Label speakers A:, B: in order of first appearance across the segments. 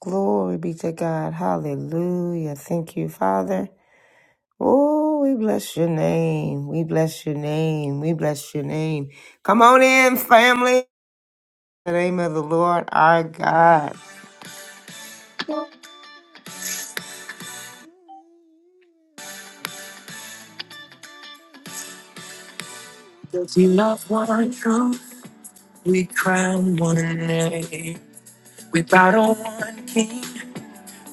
A: Glory be to God. Hallelujah. Thank you, Father. Oh, we bless your name. We bless your name. We bless your name. Come on in, family. In the name of the Lord our God. Because we love one truth, we crown one name. We bow to one king,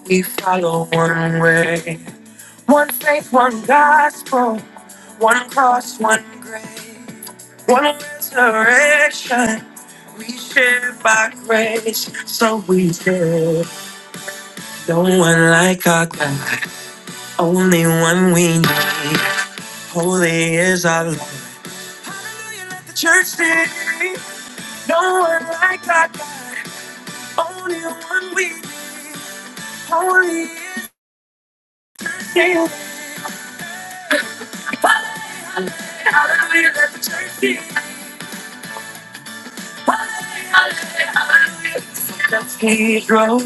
A: we follow one way. One faith, one gospel, one cross, one grave, one resurrection. We share by grace, so we share. No one like our God, only one we need. Holy is our Lord. Hallelujah, let the church sing. No one like our God, only one we need. Holy is our Lord. Hallelujah, let the church sing. Cathedral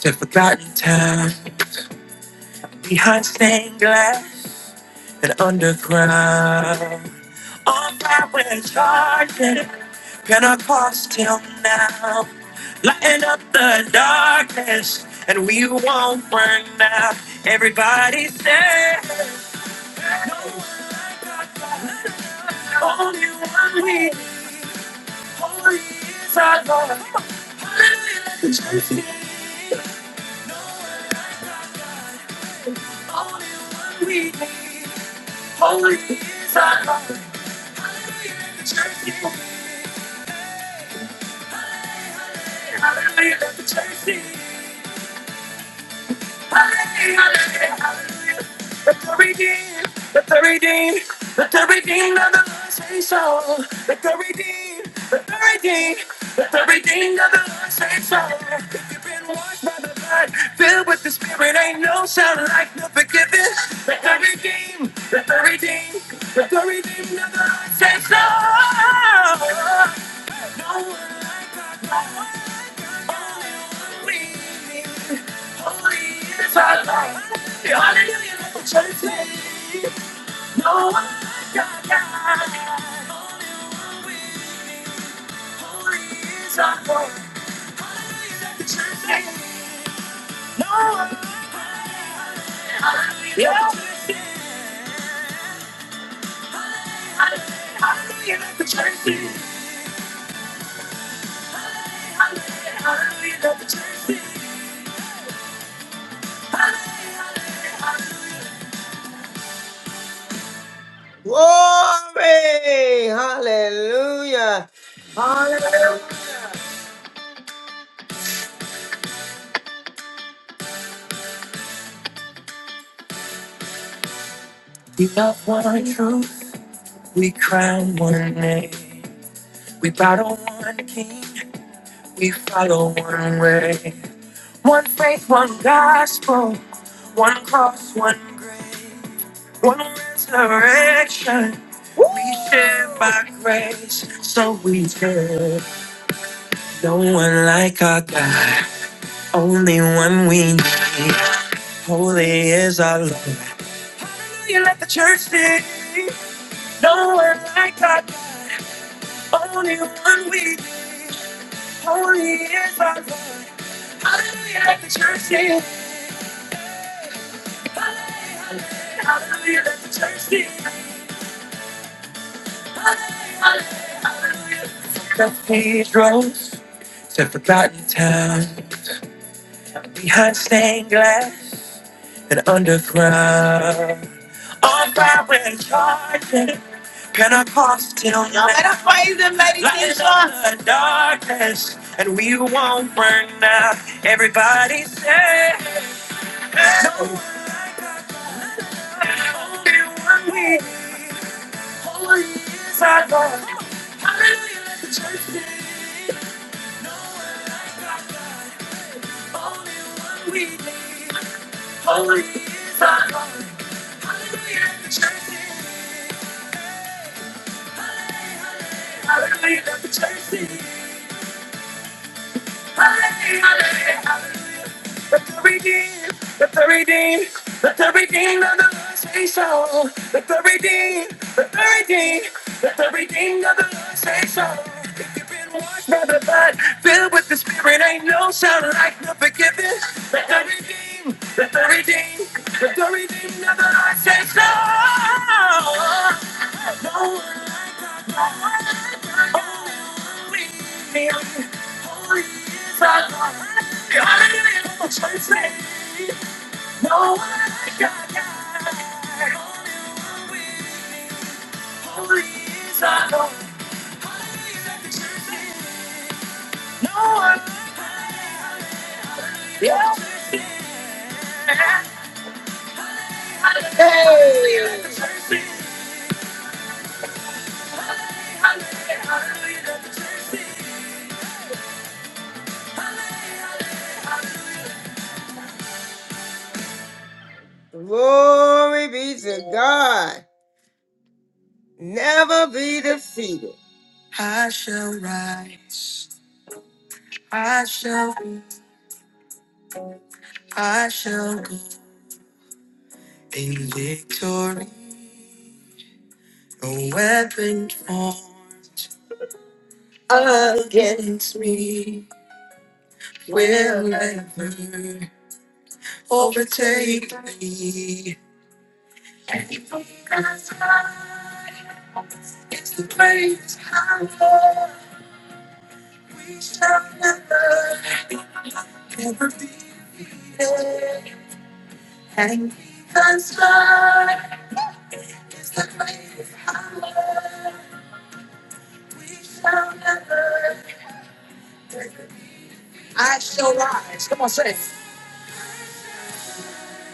A: to forgotten time behind stained glass and underground. On fire we're charging, Pentecostal now. Lighten up the darkness, and we won't burn out. Everybody say, no one like our God, only one we need. Hallelujah. let the church sing. Hallelujah, Let the redeemed, let the redeemed, let the redeemed of the Lord say so. Let the redeemed, let the redeemed, let the redeemed of the Lord say so. If you've been washed by the blood, filled with the Spirit, ain't no sound like no forgiveness. Let the redeemed, let the redeemed, let the redeemed of the Lord say so. Glory! Hallelujah! Hallelujah! We love one truth, we crown one name, we battle one king, we follow one way. One faith, one gospel, one cross, one grace, one resurrection. We share by grace, so we serve. No one like our God, only one we need. Holy is our Lord. Hallelujah, let the church sing. No one like our God. Only one week, holy is our God. Hallelujah, let the church sing. Hallelujah, hallelujah, let the church sing. Hallelujah, hallelujah. Cathedrals to forgotten towns, behind stained glass and underground. On fire and charging, Pentecostal. Y'all better play these in the darkness, and we won't burn out. Everybody say. No one like God, only one we need. Holy is our God. Hallelujah, let the church sing. No one like God, only one we need. Holy is our God. Hallelujah, let the church sing. Hallelujah, let the church sing. Hallelujah, hallelujah. Let the redeemed, let the redeemed, let the redeemed of the Lord say so. Let the redeemed, let the redeemed, let the redeemed of the Lord say so. If you've been washed by the blood, filled with the Spirit, ain't no sound like no forgiveness. Let the redeemed, let the redeemed, let the redeemed of the Lord say so. No one like God, no one like God. Oh, Glory be to God. Never be defeated. I shall rise. I shall. I shall go in victory. No weapon formed against me will ever overtake me. It's the praise I Lord. We shall never, never be defeated. And because God is the praise I Lord. We shall never. I shall rise. Come on, say it.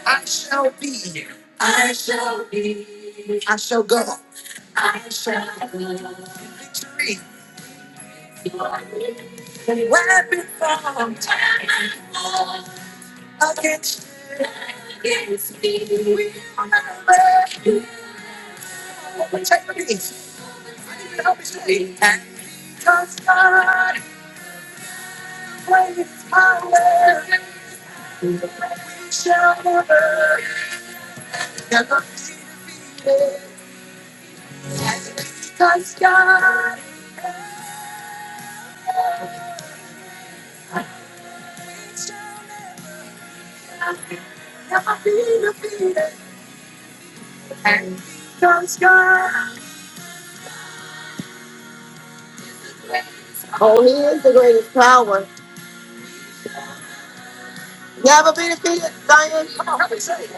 A: I shall be. I shall be. I shall go. I shall be. Victory. And weapon formed against against me. We remember you protect me. You help me stay. And because God weighs power, we shall never, never be. And oh, he is the greatest power. Never be defeated, Zion. Come on, help me say it.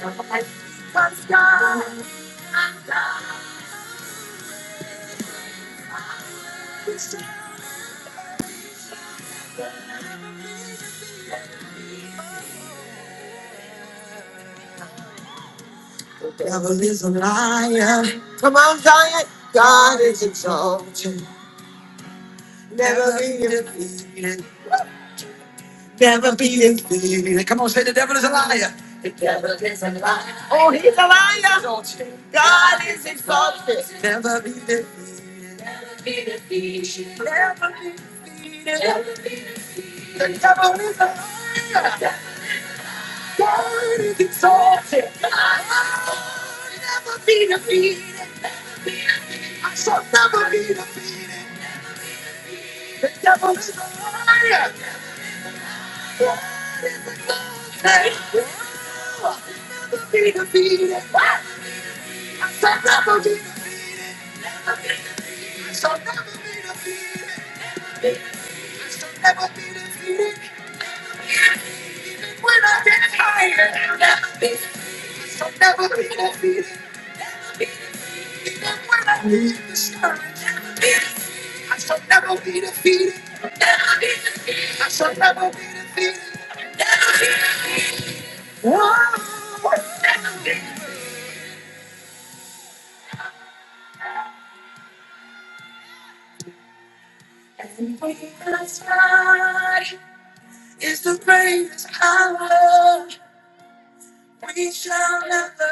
A: The devil is a liar. Come on, Zion. God is exalted. Never be defeated. Never be defeated. The devil is a liar. The devil is a liar. Oh, he's a liar. Exalted. God is exalted. Never be defeated. Never be defeated. The devil is a liar. God is exalted. Never be defeated. I shall never be defeated. Devils in the night. I'll never be defeated. I'll never be defeated. Even when I feel discouraged, I'll never be defeated. When I get higher, I'll never be defeated. I'll never be defeated. When I reach the sky, I'll never be defeated. I'll never be defeated. Oh, I'll never be defeated. Never be defeated. And inside is the greatest power. We shall never,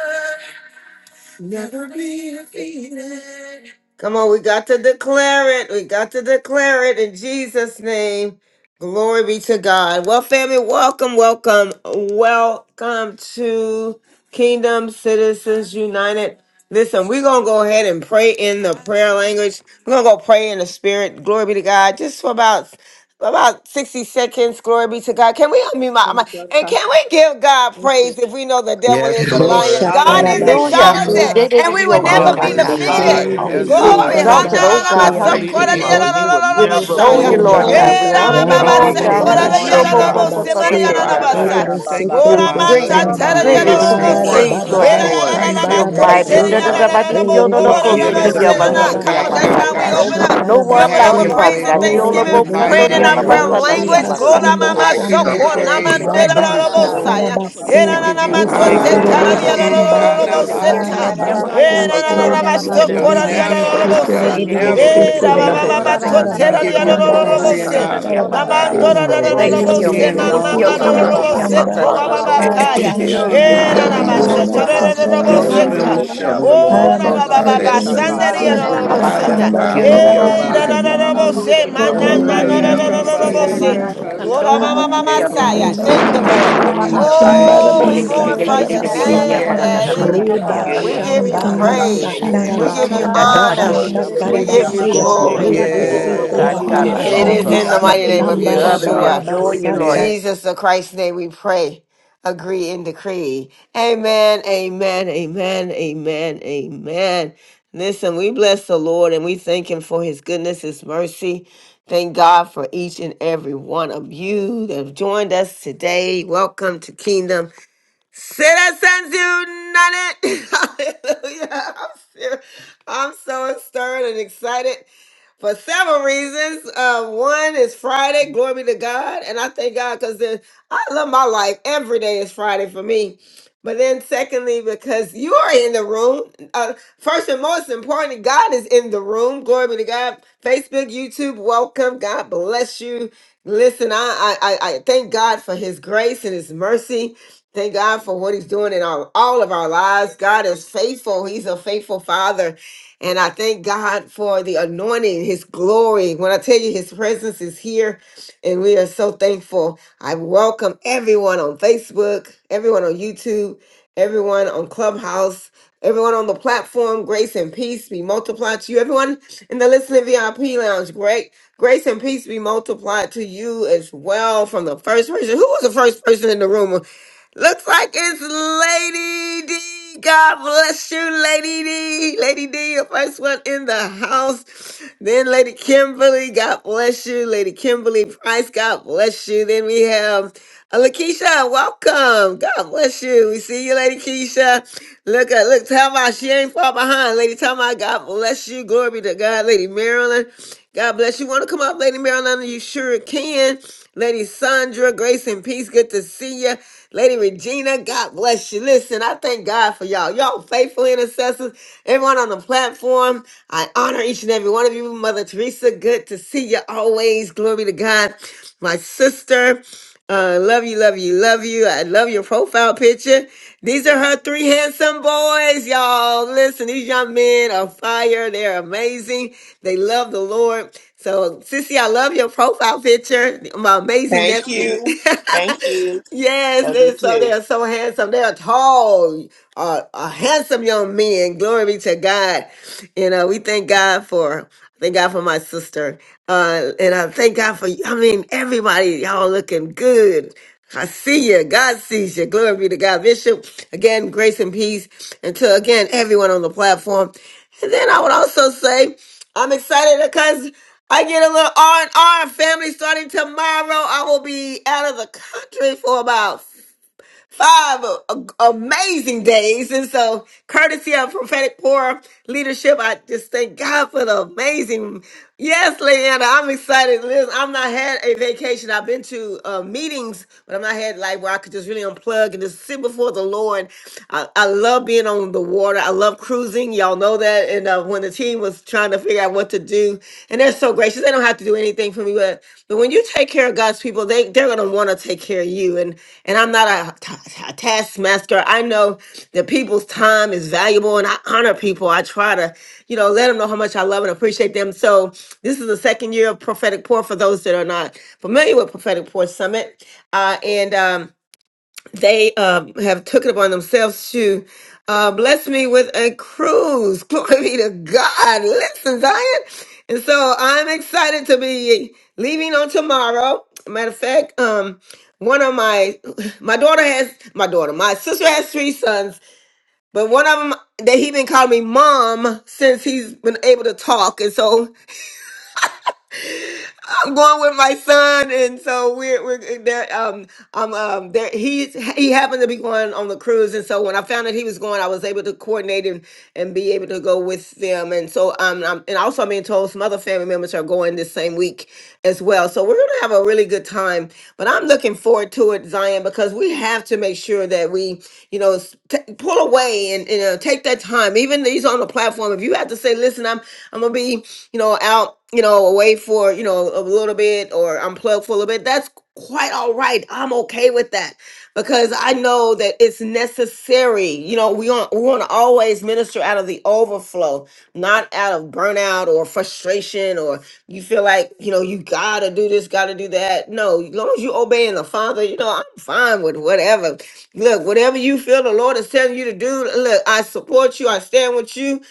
A: never be defeated. Come on, we got to declare it. We got to declare it in Jesus' name. Glory be to God. Well, family, welcome, welcome, welcome to Kingdom Citizens United. Listen, we're going to go ahead and pray in the prayer language. We're going to go pray in the spirit. Glory be to God. Just for about about 60 seconds. Glory be to God. Can we unmute my mic? And
B: Hoshakatatashi.
A: can we give God praise if we know the devil
C: Yes,
A: is a liar?
C: Lord.
A: God
C: Thank
A: is
C: you,
B: Hallelujah,
D: Hallelujah. Say,
C: Jesus.
A: exalted
D: "They
E: Reshakarabashamba
D: did
A: and we
D: it,
A: will
D: oh,
B: Hoshakantata.
D: God,
A: never
C: Devil
D: God,
A: be
E: Robo
C: is a
D: God."
F: Hallelujah.
A: defeated.
C: liar.
E: Sheha
C: Yes,
D: Be
B: Hallelujah,
A: Glory.
F: Hallelujah.
C: Lord.
D: exalted, oh
B: Hashakanta
D: God.
B: ba
E: Satarabashea
F: Thank you,
B: Bayike
D: Hallelujah.
F: Father. You
E: Robo
C: Ribasatarididios.
F: will
B: Basaka.
D: We
F: never
E: Sheha
D: extol
A: Hananamasokoradiyalalalalalabasaya.
F: be
D: you,
C: Oh,
B: Hoko
D: Lord
C: God,
B: ba
E: Sambaya
C: we
D: God.
F: defeated.
D: We
C: say
D: honor you,
C: thank you
D: Lord God.
B: Bayike
C: this
F: Hallelujah.
E: Rabababa
D: Hallelujah. oh,
C: morning,
B: Bashaka.
D: God,
E: Shamba
C: God,
D: God,
A: Eramababasekoradiyalalabose,
D: God, God,
E: Rabase
D: God,
C: for
B: Eke
F: Shandalamosataya.
C: our
D: God, God,
A: Mariananabasa.
D: God.
B: Bashaka
C: children.
E: Terebe
B: ba
C: Thank you
B: La
F: Lalabosita.
C: for
B: La
D: You're
B: La
C: my
E: Terebe
B: La
D: great
A: Oramanta
B: La
C: husband,
D: and
B: La
C: my
E: Shamba
B: la!
D: greatly
G: Yes,
D: to be
B: Sata
C: children,
B: La
F: Yelabosita.
G: Lord.
B: La
C: the
D: praised,
B: La
A: Come
G: Yes,
D: Lord
B: La
E: Harababa
C: body
D: God.
C: of
G: Lord.
C: Christ
E: Shamba
D: You're
C: at greater
D: mighty.
B: Eke
G: Thank you,
C: works,
D: Da,
E: Rabasea
D: da,
G: Father
D: da,
F: Yalalaboshandalamosataya.
D: ba,
C: Lord.
G: God.
B: basaka
D: di, di, yo, no, no,
E: Elerebe
C: Cover
D: go,
C: them
D: sing,
C: in
D: di, di,
C: the
D: ya,
E: Terebe
D: ba, sa,
F: Yelabosita.
D: da,
C: blood
D: di, ya,
C: right
A: on,
D: ba,
E: Harabasha
A: that's
C: now,
D: sa,
A: how we
D: da.
C: God,
G: Thank
A: open
G: you.
A: up.
D: No
C: and
A: We
D: one
A: open up
D: like
C: have
F: Yalalaboshandalamosataya.
A: with
D: you,
E: Hashatarabashe
C: your
D: Father
A: praise
C: way,
A: and
D: God. Di, yo,
C: Lord,
F: Yalalabosita.
D: lo,
B: ta
C: in the
A: thanksgiving,
D: bo,
E: Erebe
B: ta
E: Bebe
D: kan,
B: ta
D: do,
A: praying
C: mighty
D: di,
B: La
A: in
D: ya,
G: Yes,
A: our
D: la,
B: La
C: name
D: ba,
C: of
G: Lord.
A: prayer
E: Bebe
D: sa,
B: La
D: da, di, ya,
E: Sheha
A: language.
C: Jesus.
D: ba,
F: Olabosita.
D: sa,
A: Glory
D: da.
E: Samba
A: mama
C: I give
D: Thank
E: Shamba
D: you,
C: you
A: soko
B: Sata. Basaka Basaka
C: praise. I
A: namandera
C: give
D: Diomo.
F: Yalalaboshandalamosataya.
C: you
D: Thank
B: Bala
A: rabosaya.
C: glory.
B: Saka
F: Yalalabosita.
D: you,
C: I
A: Era
B: Mata.
A: na
E: Rabashatarabase
C: give
D: Diomo.
A: na
C: you
A: ma to
C: honor,
A: se
B: Eke
E: Heseterebe
C: Lord.
A: karadia
B: bashaka ba
F: Yelabosita.
E: shamba
B: yeke
A: raboseta.
E: haraba
B: bashaka.
H: Hallelujah,
A: Era
C: Ishanamasiyataraba.
A: na na
B: Eke
A: na
E: sheterebe
A: ma
C: You
A: soko
C: shall
B: bashaka
E: bebe
B: ba
A: radia
F: Yalalaboshandalamosataya.
E: bebe
C: never,
B: yeke
C: we shall
A: rabose.
E: sheterebe bebe
B: bashaka.
F: Yellow
C: never
F: Roll
C: be
F: of
A: Era ba
E: setereba
G: Glory
A: ba
B: Eke
C: defeated.
A: ba
G: to
A: ba to
G: you.
B: bashaka
C: We
E: haraba
F: a
C: give
A: teradia
C: you
F: yellow
E: shamba
B: bataka
C: glory and
A: rabose.
B: bataka
C: honor,
E: hasataraba
C: Lord
B: bata.
C: God,
E: seya
A: Namandora
D: Thank
B: Eke
F: robot,
C: for
G: Hallelujah.
A: rabose
C: being
E: belebe
C: an
B: eke
A: mama
I: Oh
C: awesome
I: Oya
E: seteya
B: bashaka
C: God in
B: ba
I: baba
C: our
A: rabose
E: shamba
I: sonde
C: lives.
A: ko
B: yeke
A: ba ba
B: basha.
A: ba
E: ha
I: yerehiya
A: kaya.
E: shamba
I: masoya.
C: Heal and we
H: hallelujah.
E: raba
A: Eh,
C: shall
A: na,
B: Eke
E: baba
A: na,
C: be
E: baba
A: ba,
G: Mm.
A: sa,
C: healed.
E: baba
A: ta,
I: Oya
B: bashaka
A: da,
I: ma
A: da, da, da,
E: sataraba
A: bo,
B: basheke
I: sonde
A: se,
D: you,
C: Deliver and
E: baba
C: we
A: ka.
B: bashi.
I: yerehiya
C: shall
G: Yes,
C: be
D: Diomo.
I: maso.
G: Jesus.
A: Oh,
E: haraba
A: da,
B: Oko
A: ba,
C: delivered.
A: ba, ba,
I: O
A: ba,
C: Set
B: bashaka
E: sheterebe
A: san,
B: ba
C: free
A: da, di,
E: se
I: shatanya
A: ya, da,
D: Oh,
B: lata
A: da, da,
D: la
I: ndoya
A: bo,
E: ha
C: by
A: se,
D: vaca,
B: basi.
C: the
D: sa,
A: na.
E: shamba
D: sa,
I: rabasi.
D: sa,
C: power
D: sa,
C: of
E: raba
D: da,
C: the
D: da,
B: Oko
E: raba
D: ba.
A: Eh, da,
B: bay.
A: da,
D: Ya,
A: da,
C: Almighty.
D: no
A: da,
D: sé,
A: bo,
I: Ekiyamando
D: sé
I: ya
A: se,
D: que
A: ma,
D: Dios me
A: na,
B: Oko
C: Oh,
A: na,
D: salve,
C: we'll
I: rabasaya.
A: na, da,
E: seterebe
D: Dios me
A: da,
C: never
A: da,
B: bayaka
C: be
A: da, da,
D: salve.
A: bo,
I: Onde
A: se.
C: defeated,
E: setereba
B: bayeke
D: Y
C: Lord.
A: Lord, ah,
I: ekiyando
B: basi.
D: candola,
A: ma,
I: ya
D: me,
A: ma,
D: sí,
A: ma, ma,
D: quiero,
I: rabasi.
D: me,
A: sa,
C: And
D: ay,
C: we
B: Oko
A: ya.
D: la
C: say
A: Thank
D: salve,
A: you,
D: Dios
A: Lord.
B: bayeke
D: me
C: thank you,
D: salve.
B: bashaka
C: thank
I: Ekiyabasonde
B: basi.
D: Your
A: Oh,
E: Shambaraba
C: you.
A: we
H: Thank you,
D: God,
I: yerehiya
A: glorify
H: Jesus.
A: your
E: sataraba
I: maso.
H: Seek
B: Hoko
E: seya.
A: name,
B: Basheke
C: Yes.
I: O
A: Daddy.
H: Shande.
E: Reba
C: Ah,
B: Bashaka
A: We
I: shatanya
C: yeah,
A: give
B: Bashi,
A: you
I: ndoya
E: shamba
C: somebody is
H: Hallelujah,
I: rabasi.
C: sick
A: praise.
C: at
B: Eke
H: Shande,
A: We
C: time.
E: hasataraba.
A: give you
H: Silo
D: that
B: Bashaka
D: the
E: Raba
I: Ekamando
A: honor.
H: Shande,
B: Bashaka
H: Silo
A: We
E: shataraba
B: Bashi,
I: yerehiya
A: give
D: particular
A: you
H: Shande,
E: seya.
G: yes,
I: masonde.
G: Lord.
A: glory.
G: Yes,
B: Eke
E: Herebe
G: Lord.
D: your
E: sete
B: Bashaka
F: thunder
C: Yes.
D: God,
I: Onde
D: God
H: Okoro
E: papapa
A: And it
B: Bayeke
G: Thank you,
D: alone,
A: is
G: Father.
H: Shande,
D: Lord
F: of
A: in
E: shamba.
B: Bashi,
A: the
D: Father.
A: mighty
I: ekiyando
A: name
H: Silo
A: of
F: a
D: We honor,
I: yerehiya
E: Shambaraba
B: Hoko
H: Shande.
D: we
A: Yeshua.
F: satire,
D: adore you,
I: masoya.
B: Basheke
E: baba
C: Yeah.
D: Lord.
A: Jesus the Christ's name we pray, agree and decree. Amen, amen, amen, amen, amen. Listen, we bless the Lord and we thank him for his goodness, his mercy. Thank God for each and every one of you that have joined us today. Welcome to Kingdom Citizens United. Hallelujah. I'm, ser- I'm so stirred and excited for several reasons. Uh, one is Friday, glory be to God, and I thank God because I love my life. Every day is Friday for me. But then, secondly, because you are in the room. Uh, first and most importantly, God is in the room. Glory be to God. Facebook, YouTube, welcome. God bless you. Listen, I I, I I thank God for His grace and His mercy. Thank God for what He's doing in our all of our lives. God is faithful. He's a faithful Father. And I thank God for the anointing, His glory. When I tell you His presence is here, and we are so thankful. I welcome everyone on Facebook, everyone on YouTube, everyone on Clubhouse, everyone on the platform. Grace and peace be multiplied to you. Everyone in the listening VIP lounge, great grace and peace be multiplied to you as well. From the first person, who was the first person in the room? Looks like it's Lady D. God bless you, Lady D. Lady D, your first one in the house. Then Lady Kimberly, God bless you. Lady Kimberly Price, God bless you. Then we have uh, Lakeisha, welcome. God bless you. We see you, Lady Keisha. Look at look, Talma, she ain't far behind. Lady Talma, God bless you. Glory be to God, Lady Marilyn. God bless you. Want to come up, Lady Marilyn? You sure can. Lady Sandra, grace and peace. Good to see you. Lady Regina, God bless you. Listen, I thank God for y'all. Y'all faithful intercessors. Everyone on the platform, I honor each and every one of you. Mother Teresa, good to see you always. Glory to God. My sister. Uh, love you, love you, love you. I love your profile picture. These are her three handsome boys, y'all. Listen, these young men are fire. They're amazing. They love the Lord. So, Sissy, I love your profile picture. My amazing nephew.
G: Thank you. Thank you.
A: Yes,
G: Love you
A: and so they
G: too.
A: are so handsome. They are tall, uh, uh, handsome young men. Glory be to God. You know, we thank God for, thank God for my sister. Uh, and I thank God for, I mean, everybody, y'all looking good. I see you. God sees you. Glory be to God. Bishop, again, grace and peace. And to, again, everyone on the platform. And then I would also say I'm excited because I get a little R and R family starting tomorrow. I will be out of the country for about five a- a- amazing days. And so, courtesy of prophetic poor leadership, I just thank God for the amazing. Yes, Leanna, I'm excited. Liz, I'm not had a vacation. I've been to uh, meetings, but I'm not had like where I could just really unplug and just sit before the Lord. I, I love being on the water. I love cruising. Y'all know that. And uh, when the team was trying to figure out what to do, and they're so gracious, they don't have to do anything for me, but but when you take care of God's people, they they're gonna want to take care of you. And and I'm not a, ta- a taskmaster. I know that people's time is valuable, and I honor people. I try to, you know, let them know how much I love and appreciate them. So this is the second year of prophetic pour for those that are not familiar with prophetic pour summit, uh, and. Um, they uh, have took it upon themselves to uh, bless me with a cruise. Glory be to God. Listen, Zion. And so I'm excited to be leaving on tomorrow. Matter of fact, um, one of my my daughter has my daughter, my sister has three sons, but one of them that he been calling me mom since he's been able to talk, and so I'm going with my son, and so we're we're eh, there. Um, I'm um there. He's he happened to be going on the cruise, and so when I found that he was going, I was able to coordinate and and be able to go with them. And so um, I'm, and also I'm being told some other family members are going this same week as well. So we're gonna have a really good time. But I'm looking forward to it, Zion, because we have to make sure that we, you know, s- t- pull away and you know take that time. Even these on the platform, if you have to say, listen, I'm I'm gonna be, you know, out out, you know, away for, you know, a little bit or unplug for a little bit, that's quite all right. I'm okay with that because I know that it's necessary. You know, we want we want to always minister out of the overflow, not out of burnout or frustration or you feel like, you know, you gotta do this, gotta do that. No, as long as you obeying the Father, you know, I'm fine with whatever. Look, whatever you feel the Lord is telling you to do, look, I support you, I stand with you.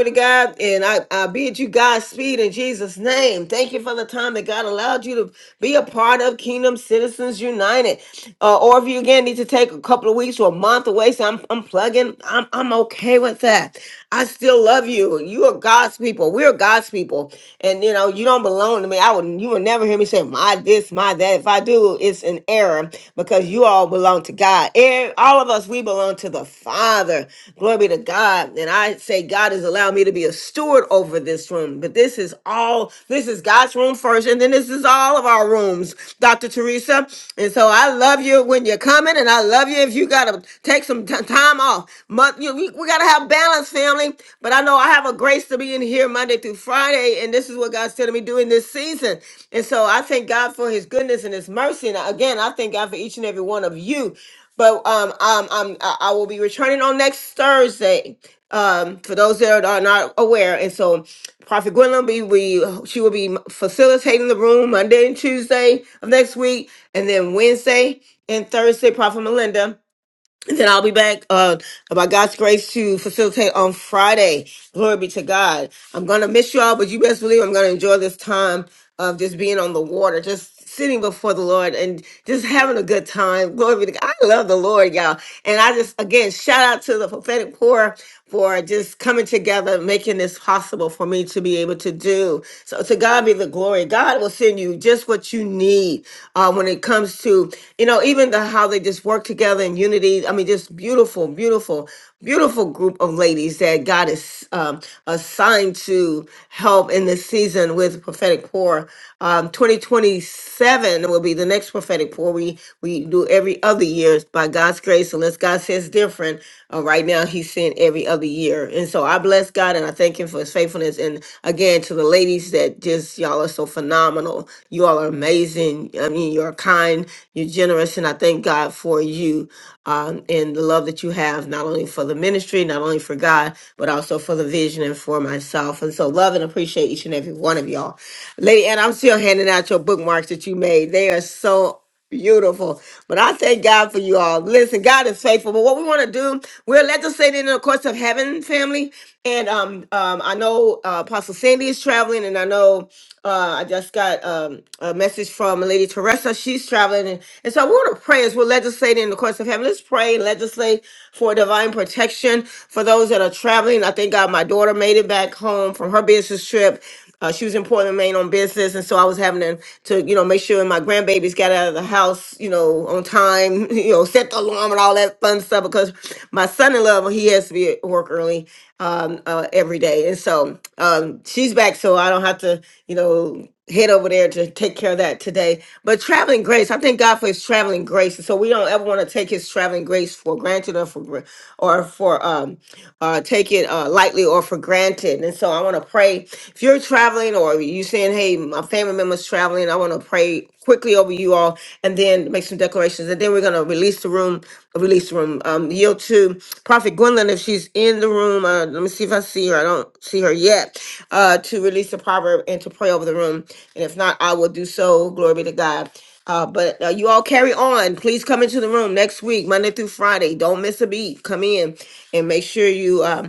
A: Glory to God. And I, I bid you Godspeed in Jesus' name. Thank you for the time that God allowed you to be a part of Kingdom Citizens United. Uh, or if you again need to take a couple of weeks or a month away, so I'm, I'm plugging, I'm, I'm okay with that. I still love you. You are God's people. We're God's people. And you know, you don't belong to me. I would you will never hear me say my this, my that. If I do, it's an error because you all belong to God. Eh, All of us, we belong to the Father. Father. Glory be to God. And I say, God has allowed me to be a steward over this room. But this is all, this is God's room first. And then this is all of our rooms, Dr. Teresa. And so I love you when you're coming. And I love you if you got to take some t- time off. Month, you, we, we got to have balance, family. But I know I have a grace to be in here Monday through Friday. And this is what God's telling me doing this season. And so I thank God for his goodness and his mercy. And again, I thank God for each and every one of you. But um, um, um, I, I will be returning on next Thursday. Um, for those that are not aware, and so Prophet Gwendolyn be we she will be facilitating the room Monday and Tuesday of next week, and then Wednesday and Thursday, Prophet Melinda. Then I'll be back uh by God's grace to facilitate on Friday. Glory be to God. I'm gonna miss y'all, but you best believe I'm gonna enjoy this time of just being on the water, just sitting before the Lord and just having a good time. Glory be to God. I love the Lord, y'all. And I just again shout out to the prophetic poor for just coming together, making this possible for me to be able to do. So to God be the glory. God will send you just what you need uh, when it comes to, you know, even the how they just work together in unity. I mean, just beautiful, beautiful, beautiful group of ladies that God is um, assigned to help in this season with prophetic pour. Um, 2027 will be the next prophetic pour we we do every other year by God's grace. And unless God says different, uh, right now He's sent every other year. And so I bless God and I thank Him for His faithfulness. And again, to the ladies that just y'all are so phenomenal. You all are amazing. I mean, you're kind, you're generous, and I thank God for you um, and the love that you have, not only for the ministry, not only for God, but also for the vision and for myself. And so, love and appreciate each and every one of y'all. Lady Ann, I'm still handing out your bookmarks that you made. They are so Beautiful. But I thank God for you all. Listen, God is faithful. But what we want to do, we're legislating in the courts of heaven, family. And um, um, I know uh, Apostle Sandy is traveling, and I know uh, I just got um, a message from Lady Teresa. She's traveling. And, and so we want to pray as we're legislating in the courts of heaven. Let's pray and legislate for divine protection for those that are traveling. I thank God my daughter made it back home from her business trip. Uh, she was in Portland, Maine on business, and so I was having to, to, you know, make sure my grandbabies got out of the house, you know, on time, you know, set the alarm and all that fun stuff because my son-in-law, well, he has to be at work early um, uh, every day, and so um, she's back, so I don't have to, you know head over there to take care of that today. But traveling grace, I thank God for His traveling grace, and so we don't ever want to take His traveling grace for granted or for gr- or for um uh take it uh lightly or for granted. And so I want to pray if you're traveling or you saying, "Hey, my family member's traveling," I want to pray quickly over you all, and then make some declarations, and then we're gonna we're gonna release the room. Release the room. Um, yield to Prophet Gwendolyn if she's in the room. Uh, let me see if I see her. I don't see her yet. Uh, to release the proverb and to pray over the room. And if not, I will do so. Glory be to God. Uh, but uh, you all carry on. Please come into the room next week, Monday through Friday. Don't miss a beat. Come in and make sure you. um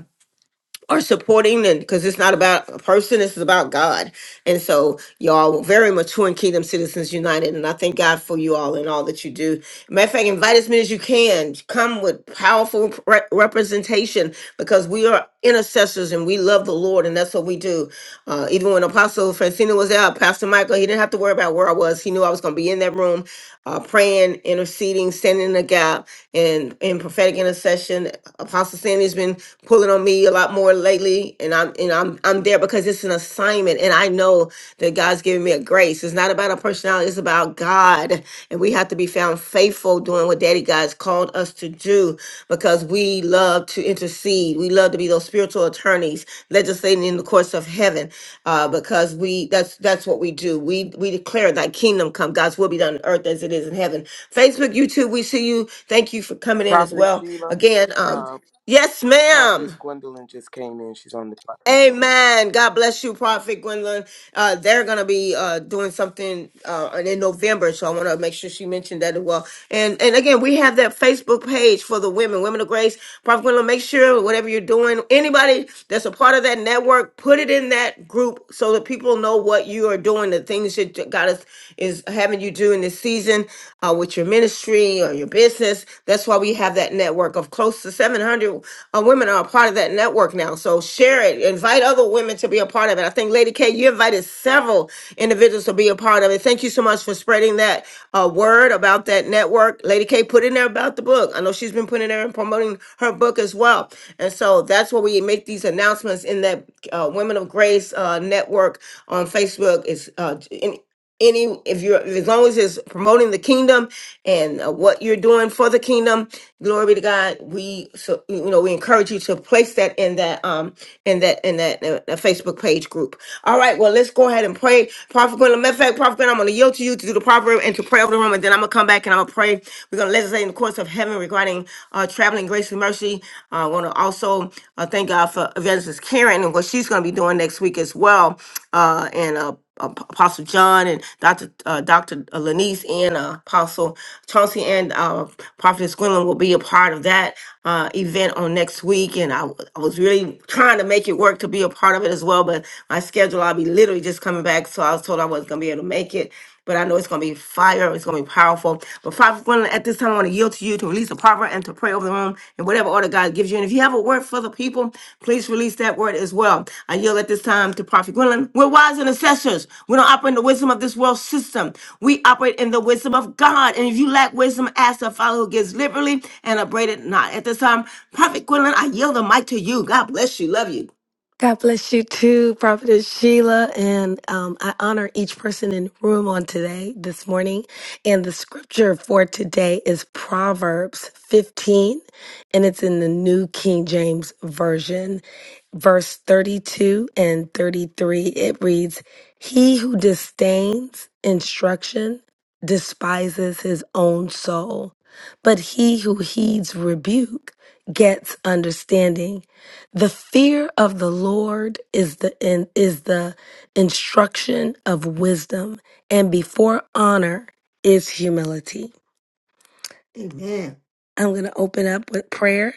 A: are supporting and because it's not about a person this is about god and so y'all were very mature in kingdom citizens united and i thank god for you all and all that you do matter of fact invite as many as you can come with powerful re- representation because we are intercessors and we love the lord and that's what we do uh, even when apostle francina was out pastor michael he didn't have to worry about where i was he knew i was going to be in that room uh, praying interceding standing in the gap and in prophetic intercession apostle sandy's been pulling on me a lot more lately and I'm and I'm I'm there because it's an assignment and I know that God's giving me a grace. It's not about a personality, it's about God. And we have to be found faithful doing what Daddy God's called us to do because we love to intercede. We love to be those spiritual attorneys legislating in the courts of heaven. Uh, because we that's that's what we do. We we declare thy kingdom come, God's will be done on earth as it is in heaven. Facebook, YouTube, we see you. Thank you for coming in as
J: Prophetess
A: well.
J: Sheila,
A: Again, um
J: uh,
A: Yes,
J: Prophetess
A: ma'am.
J: Gwendolyn just came in. She's on the platform.
A: Amen. God bless you, Prophet Gwendolyn. Uh, they're going to be uh, doing something uh, in November, so I want to make sure she mentioned that as well. And and again, we have that Facebook page for the women, Women of Grace. Prophet Gwendolyn, make sure whatever you're doing, anybody that's a part of that network, put it in that group so that people know what you are doing, the things that God is, is having you do in this season uh, with your ministry or your business. That's why we have that network of close to 700 uh, women are a part of that network now. So share it Invite other women to be a part of it. I think, Lady K, you invited several individuals to be a part of it. Thank you so much for spreading that uh, word about that network. Lady K put in there about the book. I know she's been putting in there and promoting her book as well. And so that's where we make these announcements in that uh, Women of Grace uh, network on Facebook. Is uh, in, any if you're as long as it's promoting the kingdom and uh, what you're doing for the kingdom glory be to god we so you know we encourage you to place that in that um in that in that uh, uh, facebook page group all right well let's go ahead and pray prophet Quinn, matter of fact prophet Quinn, i'm going to yield to you to do the proverb and to pray over the room and then i'm going to come back and i'm going to pray we're going to legislate in the courts of heaven regarding uh traveling grace and mercy uh, i want to also uh, thank god for evangelist karen and what she's going to be doing next week as well uh and uh Apostle John and Dr. Uh, Dr. Lenise and uh, Apostle Chauncey and uh, Prophetess Gwendolyn will be a part of that uh, event on next week. And I, w- I was really trying to make it work to be a part of it as well, but my schedule, I'll be literally just coming back. So I was told I wasn't going to be able to make it. But I know it's going to be fire. It's going to be powerful. But Prophet Gwendolyn, at this time, I want to yield to you to release a proverb and to pray over the room in whatever order God gives you. And if you have a word for the people, please release that word as well. I yield at this time to Prophet Gwendolyn. We're wise and assessors. We don't operate in the wisdom of this world system. We operate in the wisdom of God. And if you lack wisdom, ask the Father who gives liberally and upbraided not. At this time, Prophet Gwendolyn, I yield the mic to you. God bless you. Love you.
K: God bless you too, Prophetess Sheila. And um, I honor each person in the room on today, this morning. And the scripture for today is Proverbs 15, and it's in the New King James Version, verse 32 and 33. It reads He who disdains instruction despises his own soul, but he who heeds rebuke gets understanding. The fear of the Lord is the in, is the instruction of wisdom, and before honor is humility.
A: Amen.
K: I'm going to open up with prayer.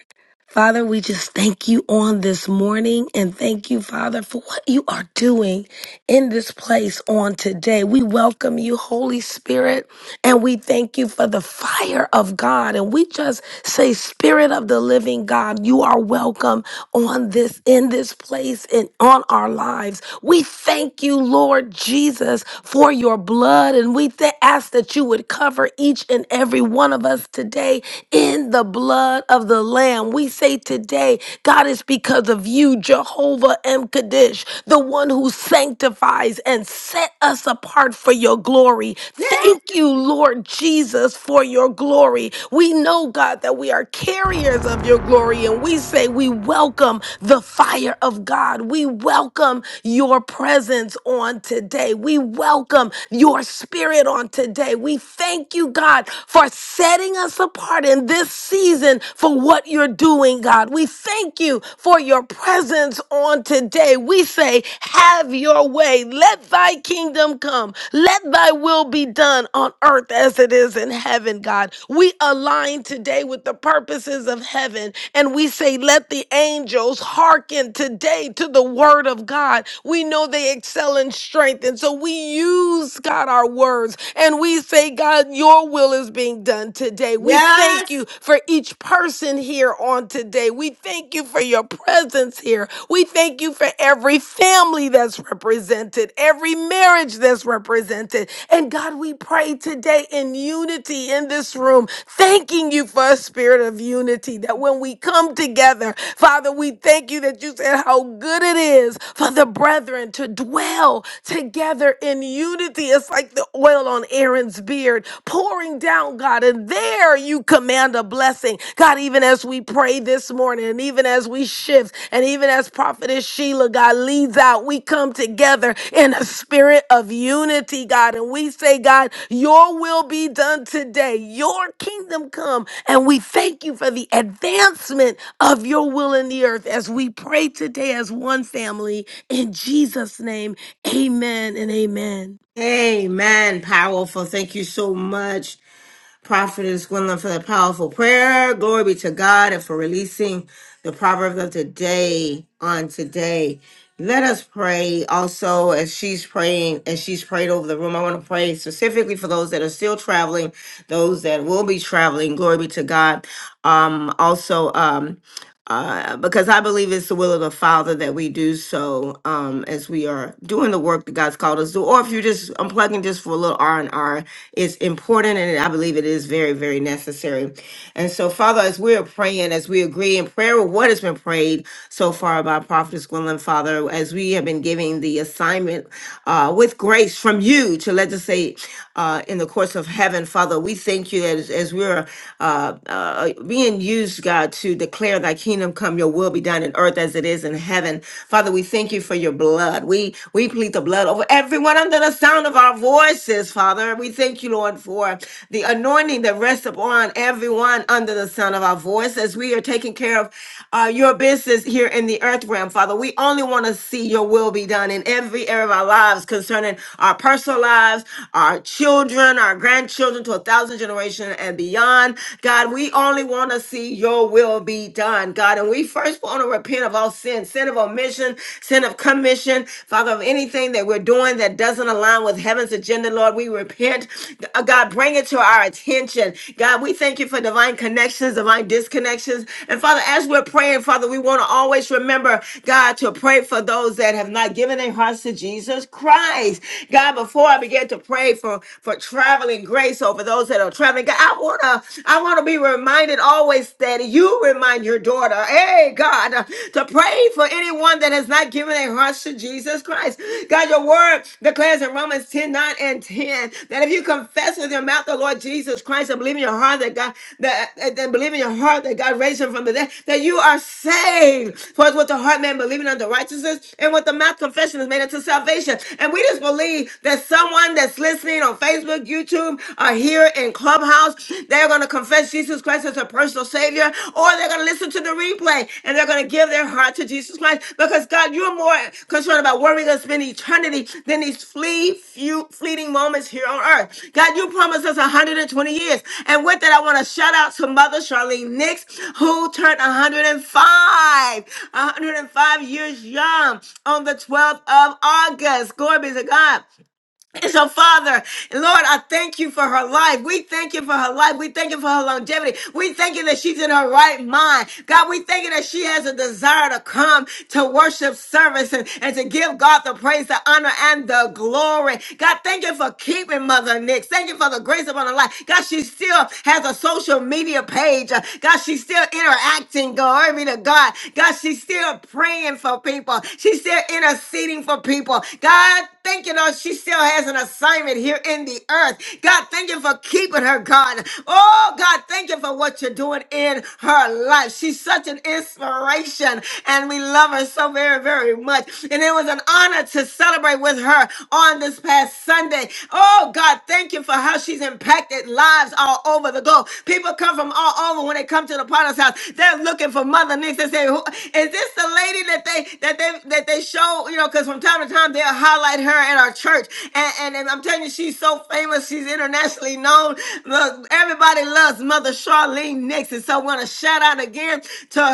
K: Father, we just thank you on this morning and thank you, Father, for what you are doing in this place on today. We welcome you, Holy Spirit. And we thank you for the fire of God. And we just say, Spirit of the living God, you are welcome on this, in this place, and on our lives. We thank you, Lord Jesus, for your blood. And we th- ask that you would cover each and every one of us today in the blood of the Lamb. We say today, God, is because of you, Jehovah M. Kaddish, the one who sanctifies and set us apart for your glory. Thank you, Lord Jesus, for your glory. We know, God, that we are carriers of your glory, and we say we welcome the fire of God. We welcome your presence on today. We welcome your spirit on today. We thank you, God, for setting us apart in this season for what you're doing, God. We thank you for your presence on today. We say, Have your way. Let thy kingdom come. Let thy will be done on earth as it is in heaven, God. We align today with the purposes of heaven and we say, Let the angels hearken today to the word of God. We know they excel in strength. And so we use, God, our words words. And we say, God, your will is being done today. We thank you
A: Yes.
K: for each person here on today. We thank you for your presence here. We thank you for every family that's represented, every marriage that's represented. And God, we pray today in unity in this room, thanking you for a spirit of unity that when we come together, Father, we thank you that you said how good it is for the brethren to dwell together in unity. It's like the oil on Aaron's beard pouring down, God. And there you command a blessing. God, even as we pray this morning, and even as we shift, and even as Prophetess Sheila, God, leads out, we come together in a spirit of unity, God. And we say, God, your will be done today, your kingdom come. And we thank you for the advancement of your will in the earth as we pray today as one family in Jesus' name. Amen and amen.
A: Amen. Powerful. Thank you so much. Prophetess Gwendolyn for the powerful prayer. Glory be to God and for releasing the proverb of the day on today. Let us pray also as she's praying, as she's prayed over the room. I want to pray specifically for those that are still traveling, those that will be traveling. Glory be to God. Um, also, um, uh, because I believe it's the will of the Father that we do so um, as we are doing the work that God's called us to. Or if you're just unplugging just for a little R and R, it's important, and I believe it is very, very necessary. And so, Father, as we are praying, as we agree in prayer with what has been prayed so far by Prophetess Gwendolyn, Father, as we have been giving the assignment uh, with grace from you to legislate uh, in the courts of heaven, Father, we thank you that as, as we're uh, uh, being used used, God, to declare thy kingdom come, your will be done in earth as it is in heaven. Father, we thank you for your blood. We we plead the blood over everyone under the sound of our voices, Father. We thank you, Lord, for the anointing that rests upon everyone under the sound of our voice as we are taking care of uh, your business here in the earth realm, Father. We only want to see your will be done in every area of our lives concerning our personal lives, our children, our grandchildren to a thousand generations and beyond. God, we only want to see your will be done, God. And we first want to repent of all sin, sin of omission, sin of commission, Father, of anything that we're doing that doesn't align with heaven's agenda, Lord. We repent. Uh, God, bring it to our attention. God, we thank you for divine connections, divine disconnections. And Father, as we're praying, Father, we want to always remember, God, to pray for those that have not given their hearts to Jesus Christ. God, before I began to pray for, for traveling grace over those those that are traveling. God, I wanna, I wanna be reminded always that you remind your daughter, hey God, uh, to pray for anyone that has not given their hearts to Jesus Christ. God, your word declares in Romans 10 9 and 10 that if you confess with your mouth the Lord Jesus Christ and believe in your heart that God that, that that believe in your heart that God raised him from the dead, that you are saved. For it's with the heart man believing unto righteousness and with the mouth confession is made unto salvation. And we just believe that someone that's listening or on Facebook, YouTube, or here in Clubhouse. They're going to confess Jesus Christ as their personal Savior, or they're going to listen to the replay and they're going to give their heart to Jesus Christ because God, you're more concerned about where we're going to spend eternity than these flee, few, fleeting moments here on earth. God, you promised us 120 years. And with that, I want to shout out to Mother Charlene Nix, who turned 105, 105 years young on the 12th of August. Glory be to God. And So, Father, Lord, I thank you for her life. We thank you for her life. We thank you for her longevity. We thank you that she's in her right mind. God, we thank you that she has a desire to come to worship service and, and to give God the praise, the honor, and the glory. God, thank you for keeping Mother Nix. Thank you for the grace upon her life. God, she still has a social media page. Uh, God, she's still interacting. Glory be to God. God, she's still praying for people. She's still interceding for people. God, thank you, Lord, she still has an assignment here in the earth. God, thank you for keeping her, God. Oh, God, thank you for what you're doing in her life. She's such an inspiration, and we love her so very, very much. And it was an honor to celebrate with her on this past Sunday. Oh, God, thank you for how she's impacted lives all over the globe. People come from all over when they come to the Potter's house. They're looking for Mother Nix. They say, "Who- "Is this the lady that they that they that that they show, you know, because from time to time they'll highlight her at our church. And, and, and I'm telling you, she's so famous. She's internationally known. Look, everybody loves Mother Charlene Nixon. So I want to shout out again to her.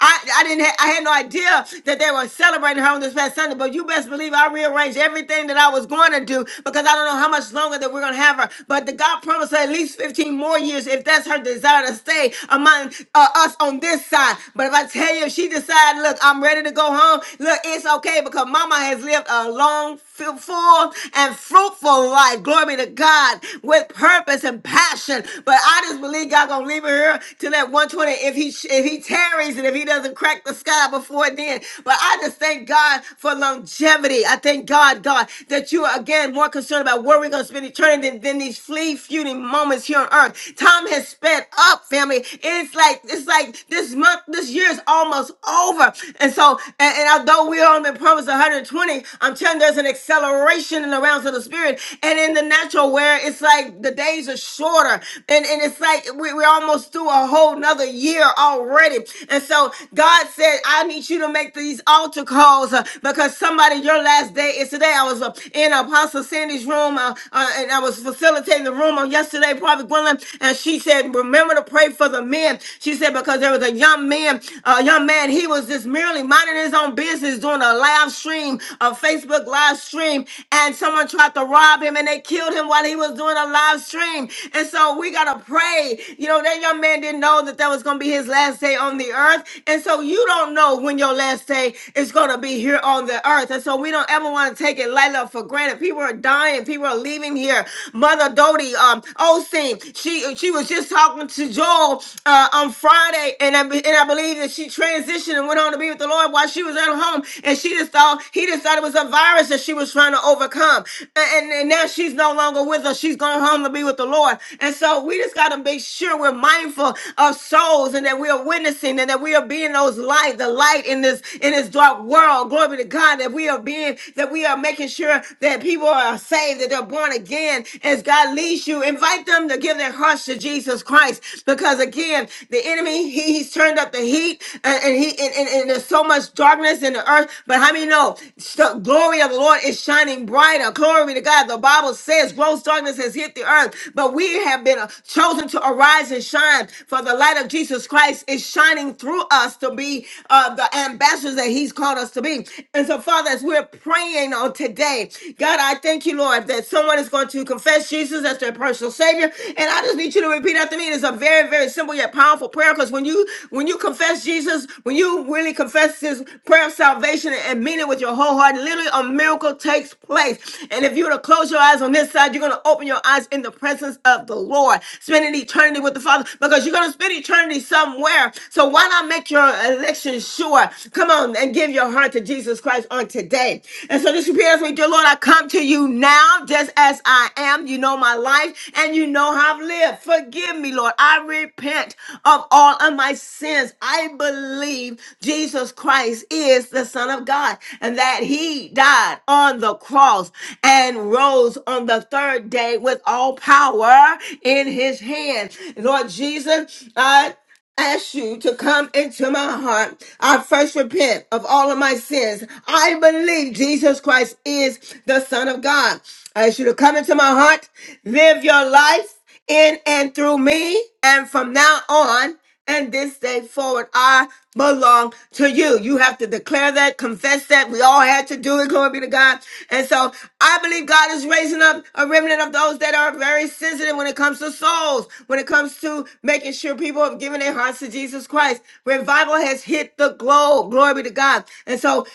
A: I, I didn't, ha- I had no idea that they were celebrating her on this past Sunday, but you best believe I rearranged everything that I was going to do because I don't know how much longer that we're going to have her. But the God promised her at least 15 more years if that's her desire to stay among uh, us on this side. But if I tell you, say if she decides, look, I'm ready to go home, look, it's okay because mama has lived a long, fu- full, and fruitful life. Glory be to God with purpose and passion. But I just believe God gonna leave her here till that 120 if he if he tarries and if he doesn't crack the sky before then. But I just thank God for longevity. I thank God, God, that you are again more concerned about where we're gonna spend eternity than, than these flea feuding moments here on earth. Time has sped up, family. It's it's like it's like this month, this year is almost over. And so, and, and although we're on the promise 120, I'm telling you, there's an acceleration in the realms of the spirit and in the natural where it's like the days are shorter, and and it's like we, we're almost through a whole nother year already. And so, God said, I need you to make these altar calls uh, because somebody your last day is today. I was uh, in Apostle Sandy's room uh, uh, and I was facilitating the room on yesterday, Prophet Gwendolyn woman, and she said, "Remember to pray for the men." She said because there was a young man, a young man, he was just merely minding his own business, doing a live stream, a Facebook live stream, and someone tried to rob him, and they killed him while he was doing a live stream. And so we gotta pray. You know that young man didn't know that that was gonna be his last day on the earth, and so you don't know when your last day is gonna be here on the earth. And so we don't ever want to take it lightly or for granted. People are dying. People are leaving here here, Mother Dodie um, Osteen. She she was just talking to Joel uh, on Friday, and I, be- and I believe that she transitioned and went on to be with the Lord while she was at home, and she just thought he just thought it was a virus that she was trying to overcome, and, and, and now she's no longer with us. She's gone home to be with the Lord, and so we just got to make sure we're mindful of souls and that we are witnessing and that we are being those light, the light in this in this dark world. Glory be to God that we are being that we are making sure sure that people are saved, that they're born again. As God leads you, invite them to give their hearts to Jesus Christ. Because again, the enemy, he, he's turned up the heat and, and he and, and, and there's so much darkness in the earth. But how many know the glory of the Lord is shining brighter? Glory to God. The Bible says gross darkness has hit the earth, but we have been uh, chosen to arise and shine. For the light of Jesus Christ is shining through us to be uh, the ambassadors that he's called us to be. And so, Father, as we're praying on today, God, I thank you, Lord, that someone is going to confess Jesus as their personal Savior. And I just need you to repeat after me. It's a very, very simple yet powerful prayer because when you when you confess Jesus, when you really confess this prayer of salvation and mean it with your whole heart, literally a miracle takes place. And if you were to close your eyes on this side, you're going to open your eyes in the presence of the Lord, spending eternity with the Father because you're going to spend eternity somewhere. So why not make your election? salvation sure. Come on and give your heart to Jesus Christ on today. And so this prepares me, dear Lord, I come to you now just as I am. You know my life and you know how I've lived. Forgive me, Lord. I repent of all of my sins. I believe Jesus Christ is the Son of God and that he died on the cross and rose on the third day with all power in his hand. Lord Jesus, I ask you to come into my heart. I first repent of all of my sins. I believe Jesus Christ is the Son of God. I ask you to come into my heart, live your life in and through me, and from now on and this day forward, I belong to you. You have to declare that, confess that. We all had to do it. Glory be to God. And so I believe God is raising up a remnant of those that are very sensitive when it comes to souls, when it comes to making sure people have given their hearts to Jesus Christ. Revival has hit the globe. Glory be to God. And so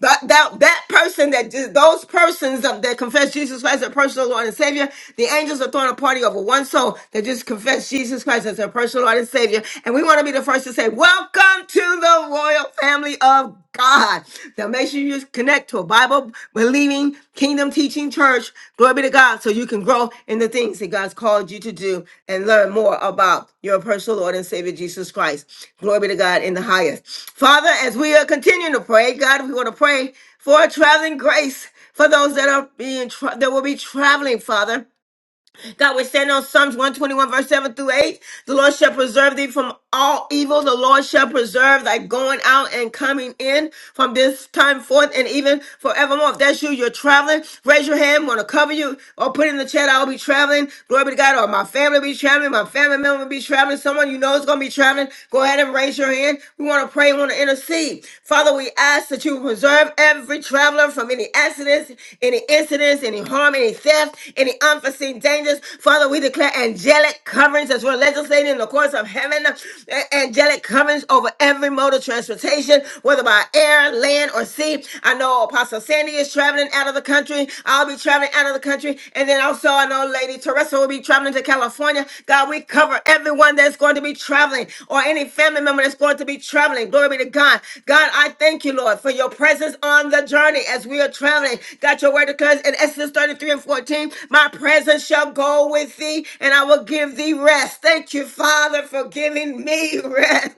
A: that, that that person that did- those persons that, that confess Jesus Christ as their personal Lord and Savior, the angels are throwing a party over one soul that just confessed Jesus Christ as their personal Lord and Savior. And we want to be the first to say, Welcome to the royal family of God. Now make sure you connect to a Bible believing Kingdom Teaching Church. Glory be to God. So you can grow in the things that God's called you to do and learn more about your personal Lord and Savior Jesus Christ. Glory be to God in the highest. Father, as we are continuing to pray, God, we want to pray for traveling grace for those that are being tra- that will be traveling, Father. God, we stand on Psalms 121, verse 7 through 8. The Lord shall preserve thee from all evil. The Lord shall preserve thy going out and coming in from this time forth and even forevermore. If that's you, you're traveling, raise your hand. Want to cover you or put in the chat, I'll be traveling. Glory be to God. Or my family be traveling. My family member will be traveling. Someone you know is going to be traveling. Go ahead and raise your hand. We want to pray. We want to intercede. Father, we ask that you preserve every traveler from any accidents, any incidents, any harm harm, any theft, any unforeseen dangers. Father, we declare angelic coverings as we're legislating in the courts of heaven. A- Angelic coverings over every mode of transportation, whether by air, land, or sea. I know Apostle Sandy is traveling out of the country. I'll be traveling out of the country. And then also, I know Lady Teresa will be traveling to California. God, we cover everyone that's going to be traveling or any family member that's going to be traveling. Glory be to God. God, I thank you, Lord, for your presence on the journey as we are you're traveling. God, your word declares in Exodus 33 and 14, my presence shall go with thee and I will give thee rest. Thank you, Father, for giving me rest.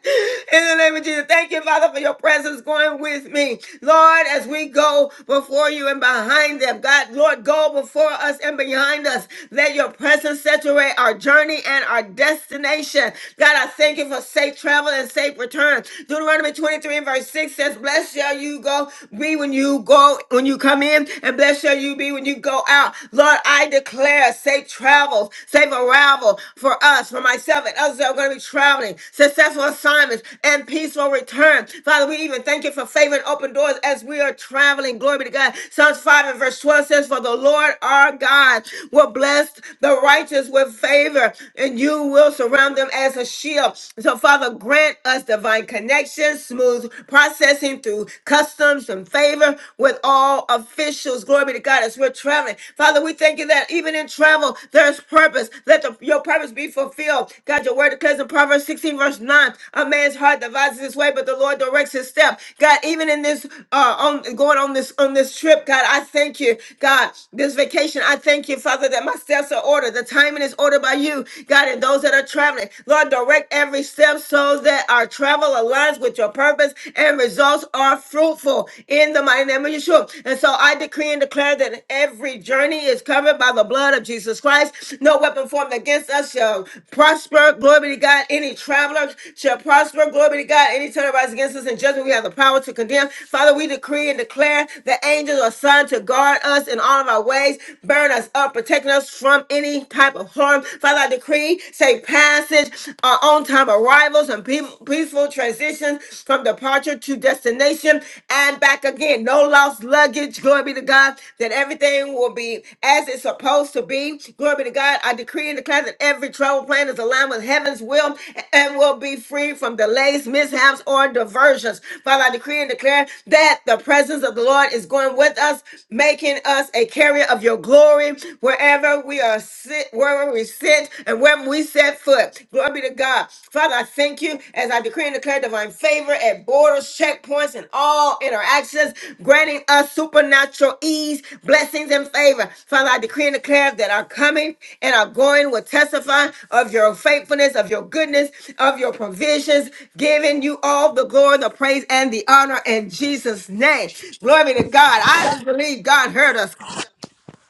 A: In the name of Jesus, thank you, Father, for your presence going with me. Lord, as we go before you and behind them, God, Lord, go before us and behind us. Let your presence saturate our journey and our destination. God, I thank you for safe travel and safe return. Deuteronomy 23 and verse 6 says, Bless you." shall you go be when you go when you come in, and blessed shall you be when you go out. Lord, I declare safe travels, safe arrival for us, for myself, and others that are going to be traveling, successful assignments, and peaceful return. Father, we even thank you for favor and open doors as we are traveling. Glory be to God. Psalms 5 and verse 12 says, For the Lord our God will bless the righteous with favor, and you will surround them as a shield. So, Father, grant us divine connection connections, smooth processing through customs and favor with all officials. Glory be to God as we're traveling. Father, we thank you that even in travel, there's purpose. Let the, your purpose be fulfilled. God, your word declares in Proverbs 16, verse 9, a man's heart devises his way, but the Lord directs his step. God, even in this uh on going on this on this trip, God, I thank you. God, this vacation, I thank you, Father, that my steps are ordered. The timing is ordered by you, God, and those that are traveling. Lord, direct direct every step so that our travel aligns with your purpose and results are fruitful in the mighty name of Yeshua. And so I decree and declare that every journey is covered by the blood of Jesus Christ. No weapon formed against us shall prosper. Glory be to God. Any traveler shall prosper. Glory be to God. Any tongue that rises against us in judgment, we have the power to condemn. Father, we decree and declare that angels are assigned to guard us in all of our ways, burn us up, protecting us from any type of harm. Father, I decree decree, safe passage, uh, on time arrivals, and pe- peaceful transition from departure to destination and back again. No lost luggage. Glory be to God that everything will be as it's supposed to be. Glory be to God. I decree and declare that every travel plan is aligned with heaven's will and will be free from delays, mishaps, or diversions. Father, I decree and declare that the presence of the Lord is going with us, making us a carrier of your glory wherever wherever we are sit, wherever we sit, and wherever we set foot. Glory be to God. Father, I thank you as I decree and declare divine favor at borders, checkpoints, and all interactions, granting us supernatural ease, blessings, and favor. Father, I decree and
G: Yes.
A: declare that our coming and our going will testify of your faithfulness, of your goodness, of your provisions, giving you all the glory, the praise, and the honor in Jesus' name. Glory be to God. I just believe God heard us.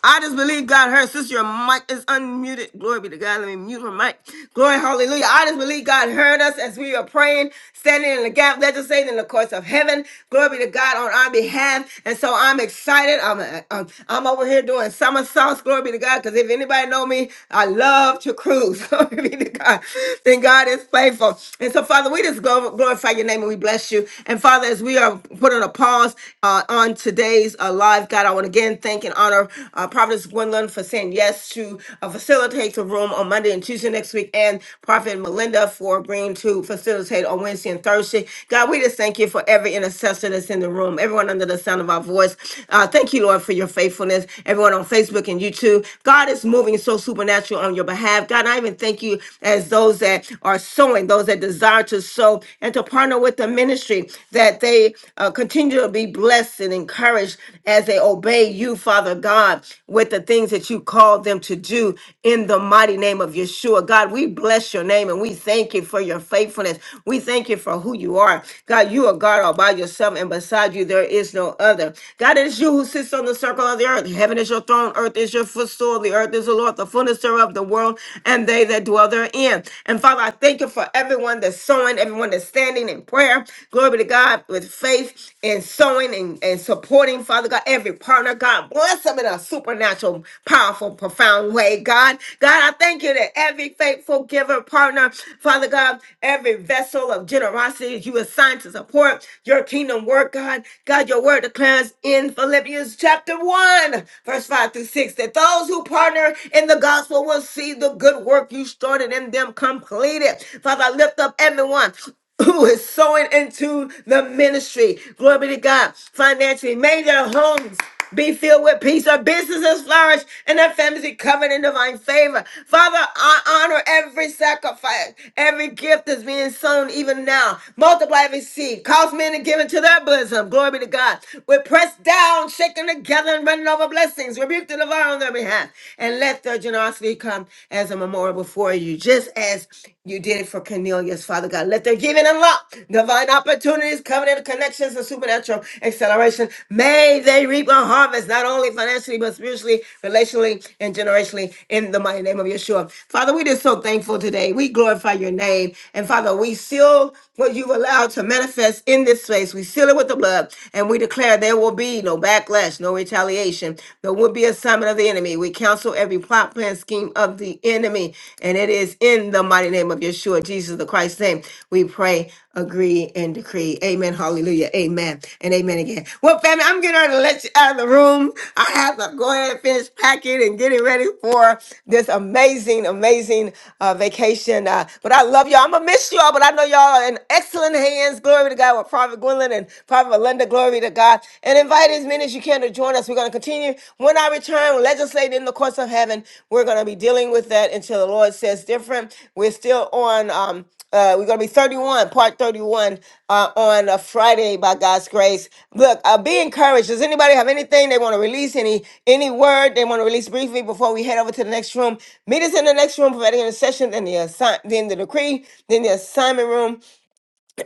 A: I just believe God heard. Sister, your mic is unmuted. Glory be to God. Let me mute her mic. Glory, hallelujah. I just believe God heard us as we are praying, standing in the gap, legislating in the courts of heaven. Glory be to God on our behalf. And so I'm excited. I'm, I'm, I'm over here doing somersaults. Glory be to God. Because if anybody know me, I love to cruise. Glory be to God. Then God is faithful. And so, Father, we just glor- glorify your name and we bless you. And Father, as we are putting a pause uh, on today today's uh, live. God, I want to again thank and honor uh, Prophetess Gwendolyn for saying yes to uh, facilitate the room on Monday and Tuesday next week, and Prophet Melinda for agreeing to facilitate on Wednesday and Thursday. God, we just thank you for every intercessor that's in the room, everyone under the sound of our voice. Uh, thank you, Lord, for your faithfulness, everyone on Facebook and YouTube. God is moving so supernatural on your behalf. God, I even thank you as those that are sowing, those that desire to sow and to partner with the ministry that they uh, continue to be blessed and encouraged as they obey you, Father God, with the things that you called them to do in the mighty name of Yeshua. God, we bless your name and we thank you for your faithfulness. We thank you for who you are. God, you are God all by yourself, and beside you there is no other. God, it is you who sits on the circle of the earth. Heaven is your throne, earth is your footstool, the earth is the Lord, the fullness thereof, the world, and they that dwell therein. And Father, I thank you for everyone everyone that's sowing, everyone that's standing in prayer. Glory be to God with faith and sowing and, and supporting, Father God, every partner. God, bless them in a supernatural, powerful, profound way. God, God, I thank you that every faithful giver, partner, Father God, every vessel of generosity you assign to support your kingdom work, God. God, your word declares in Philippians chapter 1, verse 5 through 6, that those who partner in the gospel will see the good work work you started in them complete it. Father, lift up everyone who is sowing into the ministry. Glory be to God. Financially, may their homes be filled with peace, their businesses flourish, and their families be covered in divine favor. Father, I honor every sacrifice, every gift that's being sown even now. Multiply every seed. Cause men to give into their bosom. Glory be to God. We're pressed down, shaken together, and running over blessings. Rebuke the devourer on their behalf behalf. And let their generosity come as a memorial before you, just as you did it for Cornelius, Father God. Let their giving unlock divine opportunities, covenant connections, and supernatural acceleration. May they reap a harvest, not only financially, but spiritually, relationally, and generationally, in the mighty name of Yeshua. Father, we just so thankful today. We glorify your name. And Father, we seal what you've allowed to manifest in this space. We seal it with the blood, and we declare there will be no backlash backlash, no retaliation. There will be assignment of the enemy. We counsel every plot, plan, scheme of the enemy. And it is in the mighty name of Yeshua, Jesus the Christ's name. We pray, agree, and decree. Amen. Hallelujah. Amen. And amen again. Well, family, I'm getting ready to let you out of the room. I have to go ahead and finish packing and getting ready for this amazing, amazing uh, vacation. Uh, but I love y'all. I'm going to miss y'all, but I know y'all are in excellent hands. Glory to God with Prophet Gwendolyn and and Prophet Linda, glory to God. And invite as many as you can to join us. We're going to continue. When I return, legislate in the courts of heaven. We're going to be dealing with that until the Lord says different. We're still on um, uh, we're gonna be 31, part 31, uh, on a Friday by God's grace. Look, uh, be encouraged. Does anybody have anything they want to release? Any any word they want to release briefly before we head over to the next room? Meet us in the next room for that intercession, then the assign, then the decree, then the assignment room.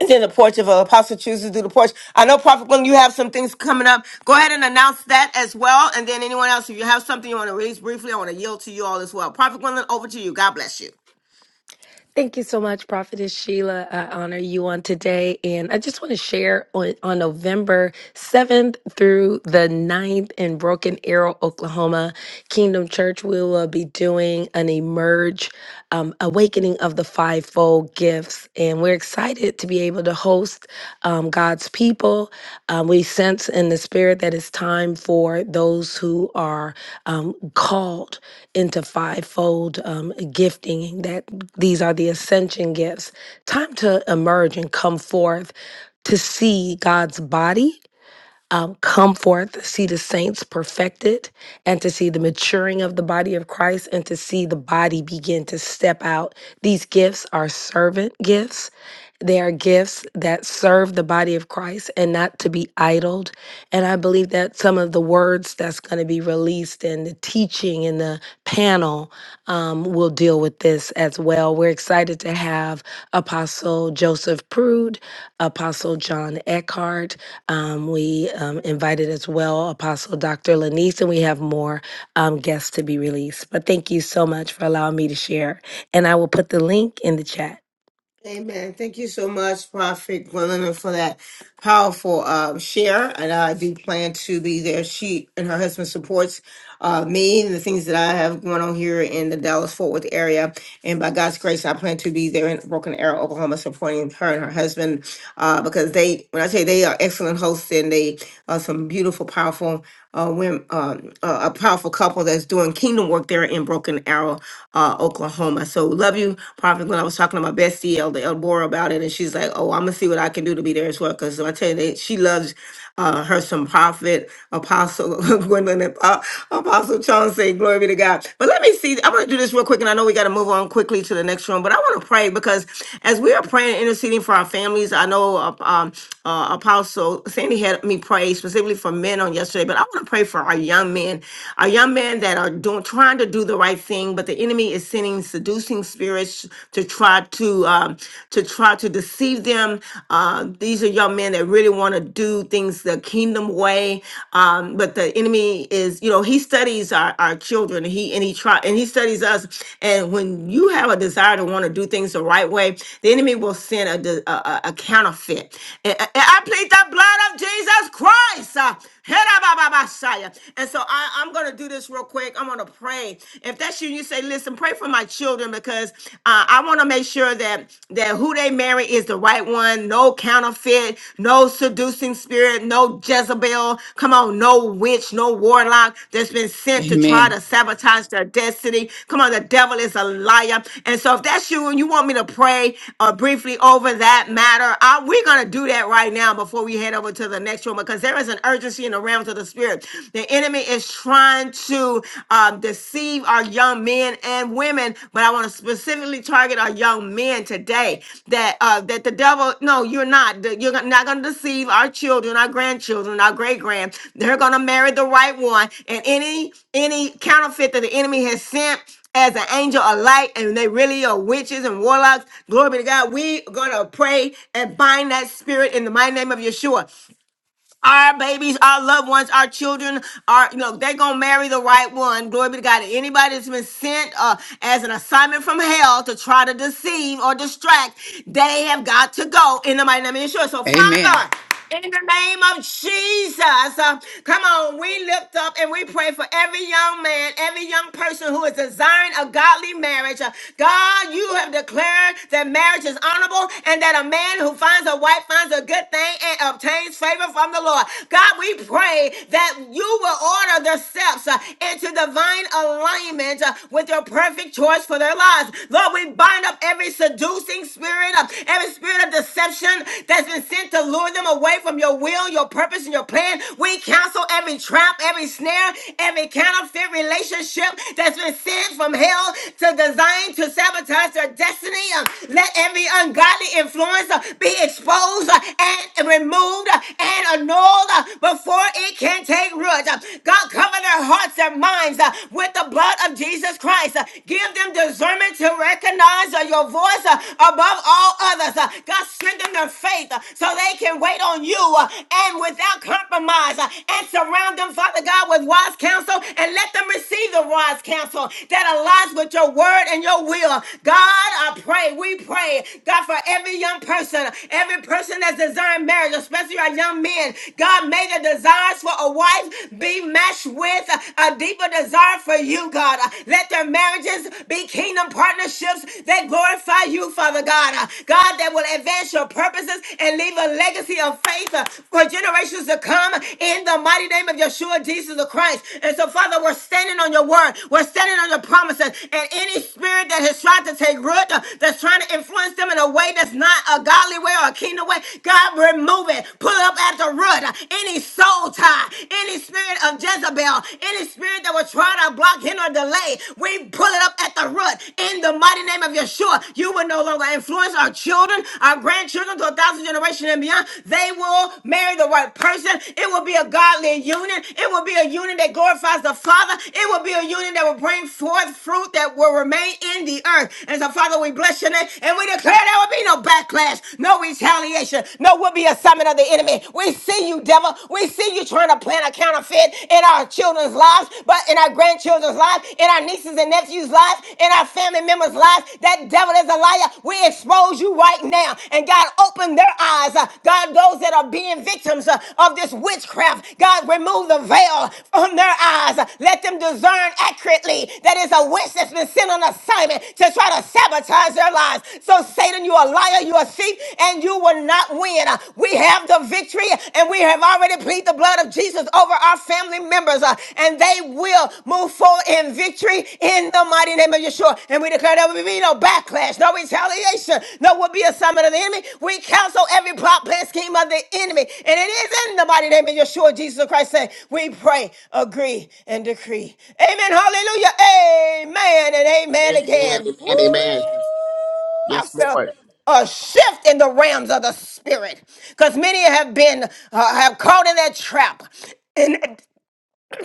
A: And then the porch of an apostle chooses to do the porch. I know, Prophet Gwendolyn, you have some things coming up. Go ahead and announce that as well. And then anyone else, if you have something you want to raise briefly, I want to yield to you all as well. Prophet Gwendolyn, over to you. God bless you.
K: Thank you so much, Prophetess Sheila. I honor you on today. And I just want to share on, on November 7th through the ninth in Broken Arrow, Oklahoma, Kingdom Church, we will be doing an Emerge um, Awakening of the Fivefold Gifts. And we're excited to be able able to host um, God's people. Um, we sense in the spirit that it's time for those who are um, called into fivefold um, gifting, that these are the ascension gifts. Time to emerge and come forth to see God's body um, come forth, see the saints perfected, and to see the maturing of the body of Christ, and to see the body begin to step out. These gifts are servant gifts. They are gifts that serve the body of Christ and not to be idled. And I believe that some of the words that's going to be released and the teaching and the panel um, will deal with this as well. We're excited to have Apostle Joseph Prude, Apostle John Eckhart, um, we um, invited as well Apostle Dr. Lanice, and we have more um, guests to be released. But thank you so much for allowing me to share. And I will put the link in the chat.
A: Amen. Thank you so much, Prophet Gwendolyn, for that powerful um, share. And I do plan to be there. She and her husband supports uh, me and the things that I have going on here in the Dallas-Fort Worth area. And by God's grace, I plan to be there in Broken Arrow, Oklahoma, supporting her and her husband uh, because they, when I say they are excellent hosts and they are some beautiful, powerful uh, women, um, uh, a powerful couple that's doing kingdom work there in Broken Arrow, uh, Oklahoma. So love you, Prophet. When I was talking to my bestie, Elder Elbora, about it, and she's like, "Oh, I'm gonna see what I can do to be there as well." Because I tell you, that she loves uh, her some Prophet Apostle Gwendolyn and uh, Apostle Chauncey. "Glory be to God." But let me see. I'm gonna do this real quick, and I know we got to move on quickly to the next room. But I want to pray because as we are praying and interceding for our families, I know uh, um, uh, Apostle Sandy had me pray specifically for men on yesterday, but I want to pray for our young men, our young men that are doing trying to do the right right thing, but the enemy is sending seducing spirits to try to um, to try to deceive them. Uh, these are young men that really want to do things the kingdom way, um, but the enemy is, you know, he studies our, our children. He and he try and he studies us. And when you have a desire to want to do things the right way, the enemy will send a de- a, a- a counterfeit. And, and I plead the blood of Jesus Christ. uh, Herabababasaya. And so I, I'm going to do this real quick. I'm going to pray. If that's you, you say, listen, pray for my children because uh, I want to make sure that, that who they marry is the right one. No counterfeit, no seducing spirit, no Jezebel. Come on, no witch, no warlock that's been sent to try
L: Amen.
A: to sabotage their destiny. Come on, the devil is a liar. And so if that's you and you want me to pray uh, briefly over that matter, I, we're going to do that right now before we head over to the next room because because there is an urgency in the realms of the spirit. The enemy is trying to um, deceive our young men and women, but I want to specifically target our young men today. That uh, that the devil, no, you're not. that You're not going to deceive our children, our grandchildren, our great grand. They're going to marry the right one, and any any counterfeit that the enemy has sent as an angel of light and they really are witches and warlocks. Glory be to God. We are gonna pray and bind that spirit in the mighty name of Yeshua our babies, our loved ones, our children are, you know, they're going to marry the right one. Glory be to God. Anybody that's been sent uh, as an assignment from hell to try to deceive or distract, they have got to go in the mighty name of Yeshua. So,
L: Amen.
A: Father, in the name of Jesus, uh, come on, we lift up and we pray for every young man, every young person who is desiring a godly marriage. Uh, God, you have declared that marriage is honorable and that a man who finds a wife finds a good thing and obtains favor from the Lord. God, we pray that you will order their steps uh, into divine alignment uh, with your perfect choice for their lives. Lord, we bind up every seducing spirit, uh, every spirit spirit of deception that's been sent to lure them away from your will, your purpose, and your plan. We cancel every trap, every snare, every counterfeit relationship that's been sent from hell to design to sabotage their destiny. Um, Let every ungodly influence uh, be exposed uh, and removed uh, and annulled uh, before it can take root. Uh, God, cover their hearts, their minds uh, with the blood of Jesus Christ. Uh, Give them discernment to recognize signs of your voice uh, above all others. Uh, God, strengthen their faith uh, so they can wait on you uh, and without compromise uh, and surround them, Father God, with wise counsel and let them receive the wise counsel that aligns with your word and your will. God, I pray, we pray, God, for every young person, every person that's desiring marriage, especially our young men. God, may the desires for a wife be matched with a deeper desire for you, God. Let let their marriages be kingdom partnerships that glorify you, Father God. Uh, God, that will advance your purposes and leave a legacy of faith uh, for generations to come in the mighty name of Yeshua, Jesus the Christ. And so, Father, we're standing on your word. We're standing on your promises. And any spirit that has tried to take root, uh, that's trying to influence them in a way that's not a godly way or a kingdom way, God, remove it. Pull up at the root. Uh, Any soul tie, any spirit of Jezebel, any spirit that was trying to block, hinder, or delay, we pull it up at the root. In the mighty name of Yeshua, you will no longer influence our children, our grandchildren to a thousand generations and beyond. They will marry the right person. It will be a godly union. It will be a union that glorifies the Father. It will be a union that will bring forth fruit that will remain in the earth. And so, Father, we bless your name and we declare there will be no backlash, no retaliation, no will be assignment of the enemy. We see you, devil. We we see you trying to plant a counterfeit in our children's lives, but in our grandchildren's lives, in our nieces and nephews' lives, in our family members' lives. That devil is a liar. We expose you right now. And God, open their eyes. Uh, God, those that are being victims uh, of this witchcraft, God, remove the veil from their eyes. Uh, Let them discern accurately that it's a witch that's been sent on assignment to try to sabotage their lives. So, Satan, you are a liar, you are a thief, and you will not win uh, we have the victory and we have already plead the blood of Jesus over our family members uh, and they will move forward in victory in the mighty name of Yeshua. And we declare there will be no backlash, no retaliation, no will be a summit of the enemy. We cancel every plot, plan, scheme of the enemy. And it is in the mighty name of Yeshua, Jesus Christ, Say we pray, agree, and decree. Amen. Hallelujah. Amen and amen
G: Amen.
A: again. Woo!
G: Amen. Amen.
A: I
G: Yes,
A: felt
G: Lord.
A: a shift in the realms of the spirit because many have been uh, have caught in that trap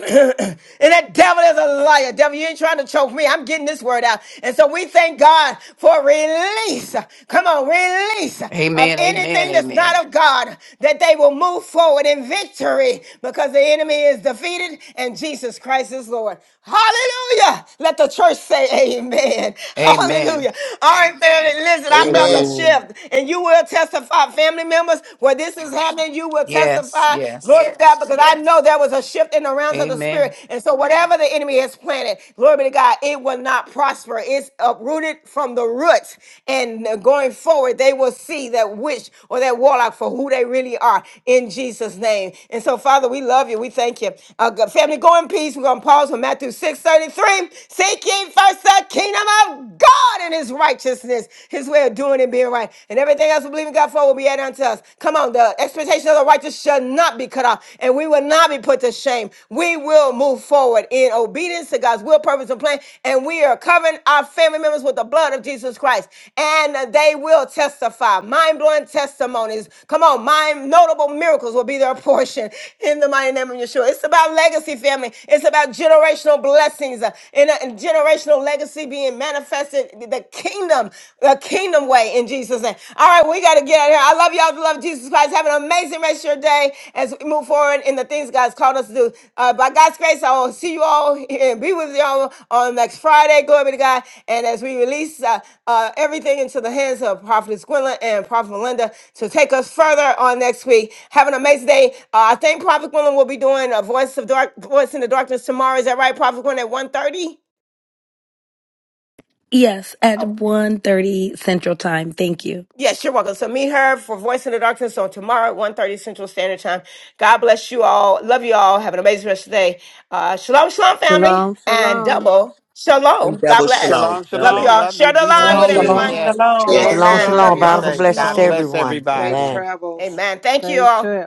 A: and that devil is a liar. Devil, you ain't trying to choke me. I'm getting this word out. And so we thank God for release. Come on, release of
L: Amen. Amen.
A: anything that's
L: Amen.
A: not of God, that they will move forward in victory because the enemy is defeated and Jesus Christ is Lord. Hallelujah. Let the church say amen.
L: Amen.
A: Hallelujah. All right, family, listen, I felt a
G: Amen.
J: Amen.
A: shift. And you will testify, family members, where this is happening, you will testify
L: Yes.
A: testify,
L: Yes.
A: glory to God, Yes. because I Yes. know there was a shift in the realms of the
L: Amen.
A: spirit. And so whatever the enemy has planted, glory be to God, it will not prosper. It's uprooted from the roots. And going forward, they will see that witch or that warlock for who they really are in Jesus' name. And so, Father, we love you. We thank you. Uh, good family, go in peace. We're going to pause with Matthew six thirty-three. 33. Seek ye first the kingdom of God and his righteousness, his way of doing and being right. And everything else we believe in believing God for will be added unto us. Come on, the expectation of the righteous shall not be cut off, and we will not be put to shame. We will move forward in obedience to God's will, purpose, and plan, and we are covering our family members with the blood of Jesus Christ, and they will testify. Mind blowing testimonies. Come on, mind notable miracles will be their portion in the mighty name of Yeshua. It's about legacy, family. It's about generational blessings uh, and, uh, and generational legacy being manifested. The kingdom kingdom, a kingdom way in Jesus' name. All right, we got to get out of here. I love y'all. The love of Jesus Christ. Have an amazing rest of your day as we move forward in the things God's called us to do. Uh, by God's grace, I will see you all here and be with y'all on next Friday. Glory be to God. And as we release uh, uh, everything into the hands of Prophetess Gwendolyn and Prophet Melinda to take us further on next week. Have an amazing day. Uh, I think Prophet Gwendolyn will be doing a Voice of Dark, Voice in the Darkness tomorrow. Is that right, Prophet Gwendolyn, at one thirty?
K: Yes, at
A: Oh.
K: one thirty Central Time. Thank you.
A: Yes, you're welcome. So meet her for Voice in the Darkness on tomorrow at one thirty Central Standard Time. God bless you all. Love you all. Have an amazing rest of the day. Uh, shalom, shalom, family.
M: Shalom,
A: And
M: shalom.
A: double
G: And
A: shalom. God
G: double
A: bless.
G: shalom.
C: Shalom,
G: God
A: Love you
G: bless.
C: shalom.
A: all.
C: Love you.
A: Share the
C: Be
G: Love
A: live
G: you
M: Love
A: with
N: Shalom,
C: safe.
G: too.
M: you.
O: Shalom,
A: everyone.
N: shalom.
C: Yes.
J: Shalom,
O: shalom.
G: Yes.
D: Shalom,
G: Love
A: Amen.
G: you.
A: Love
D: shalom.
A: you
C: Be
J: shalom.
A: all.
D: Bountiful
N: Double
C: safe.
D: blessings
C: God
D: to
N: shalom.
C: bless
D: everyone.
J: Safe
C: everybody.
D: Amen.
J: travels.
A: Amen. Thank you
M: Safe
A: all.
M: trip.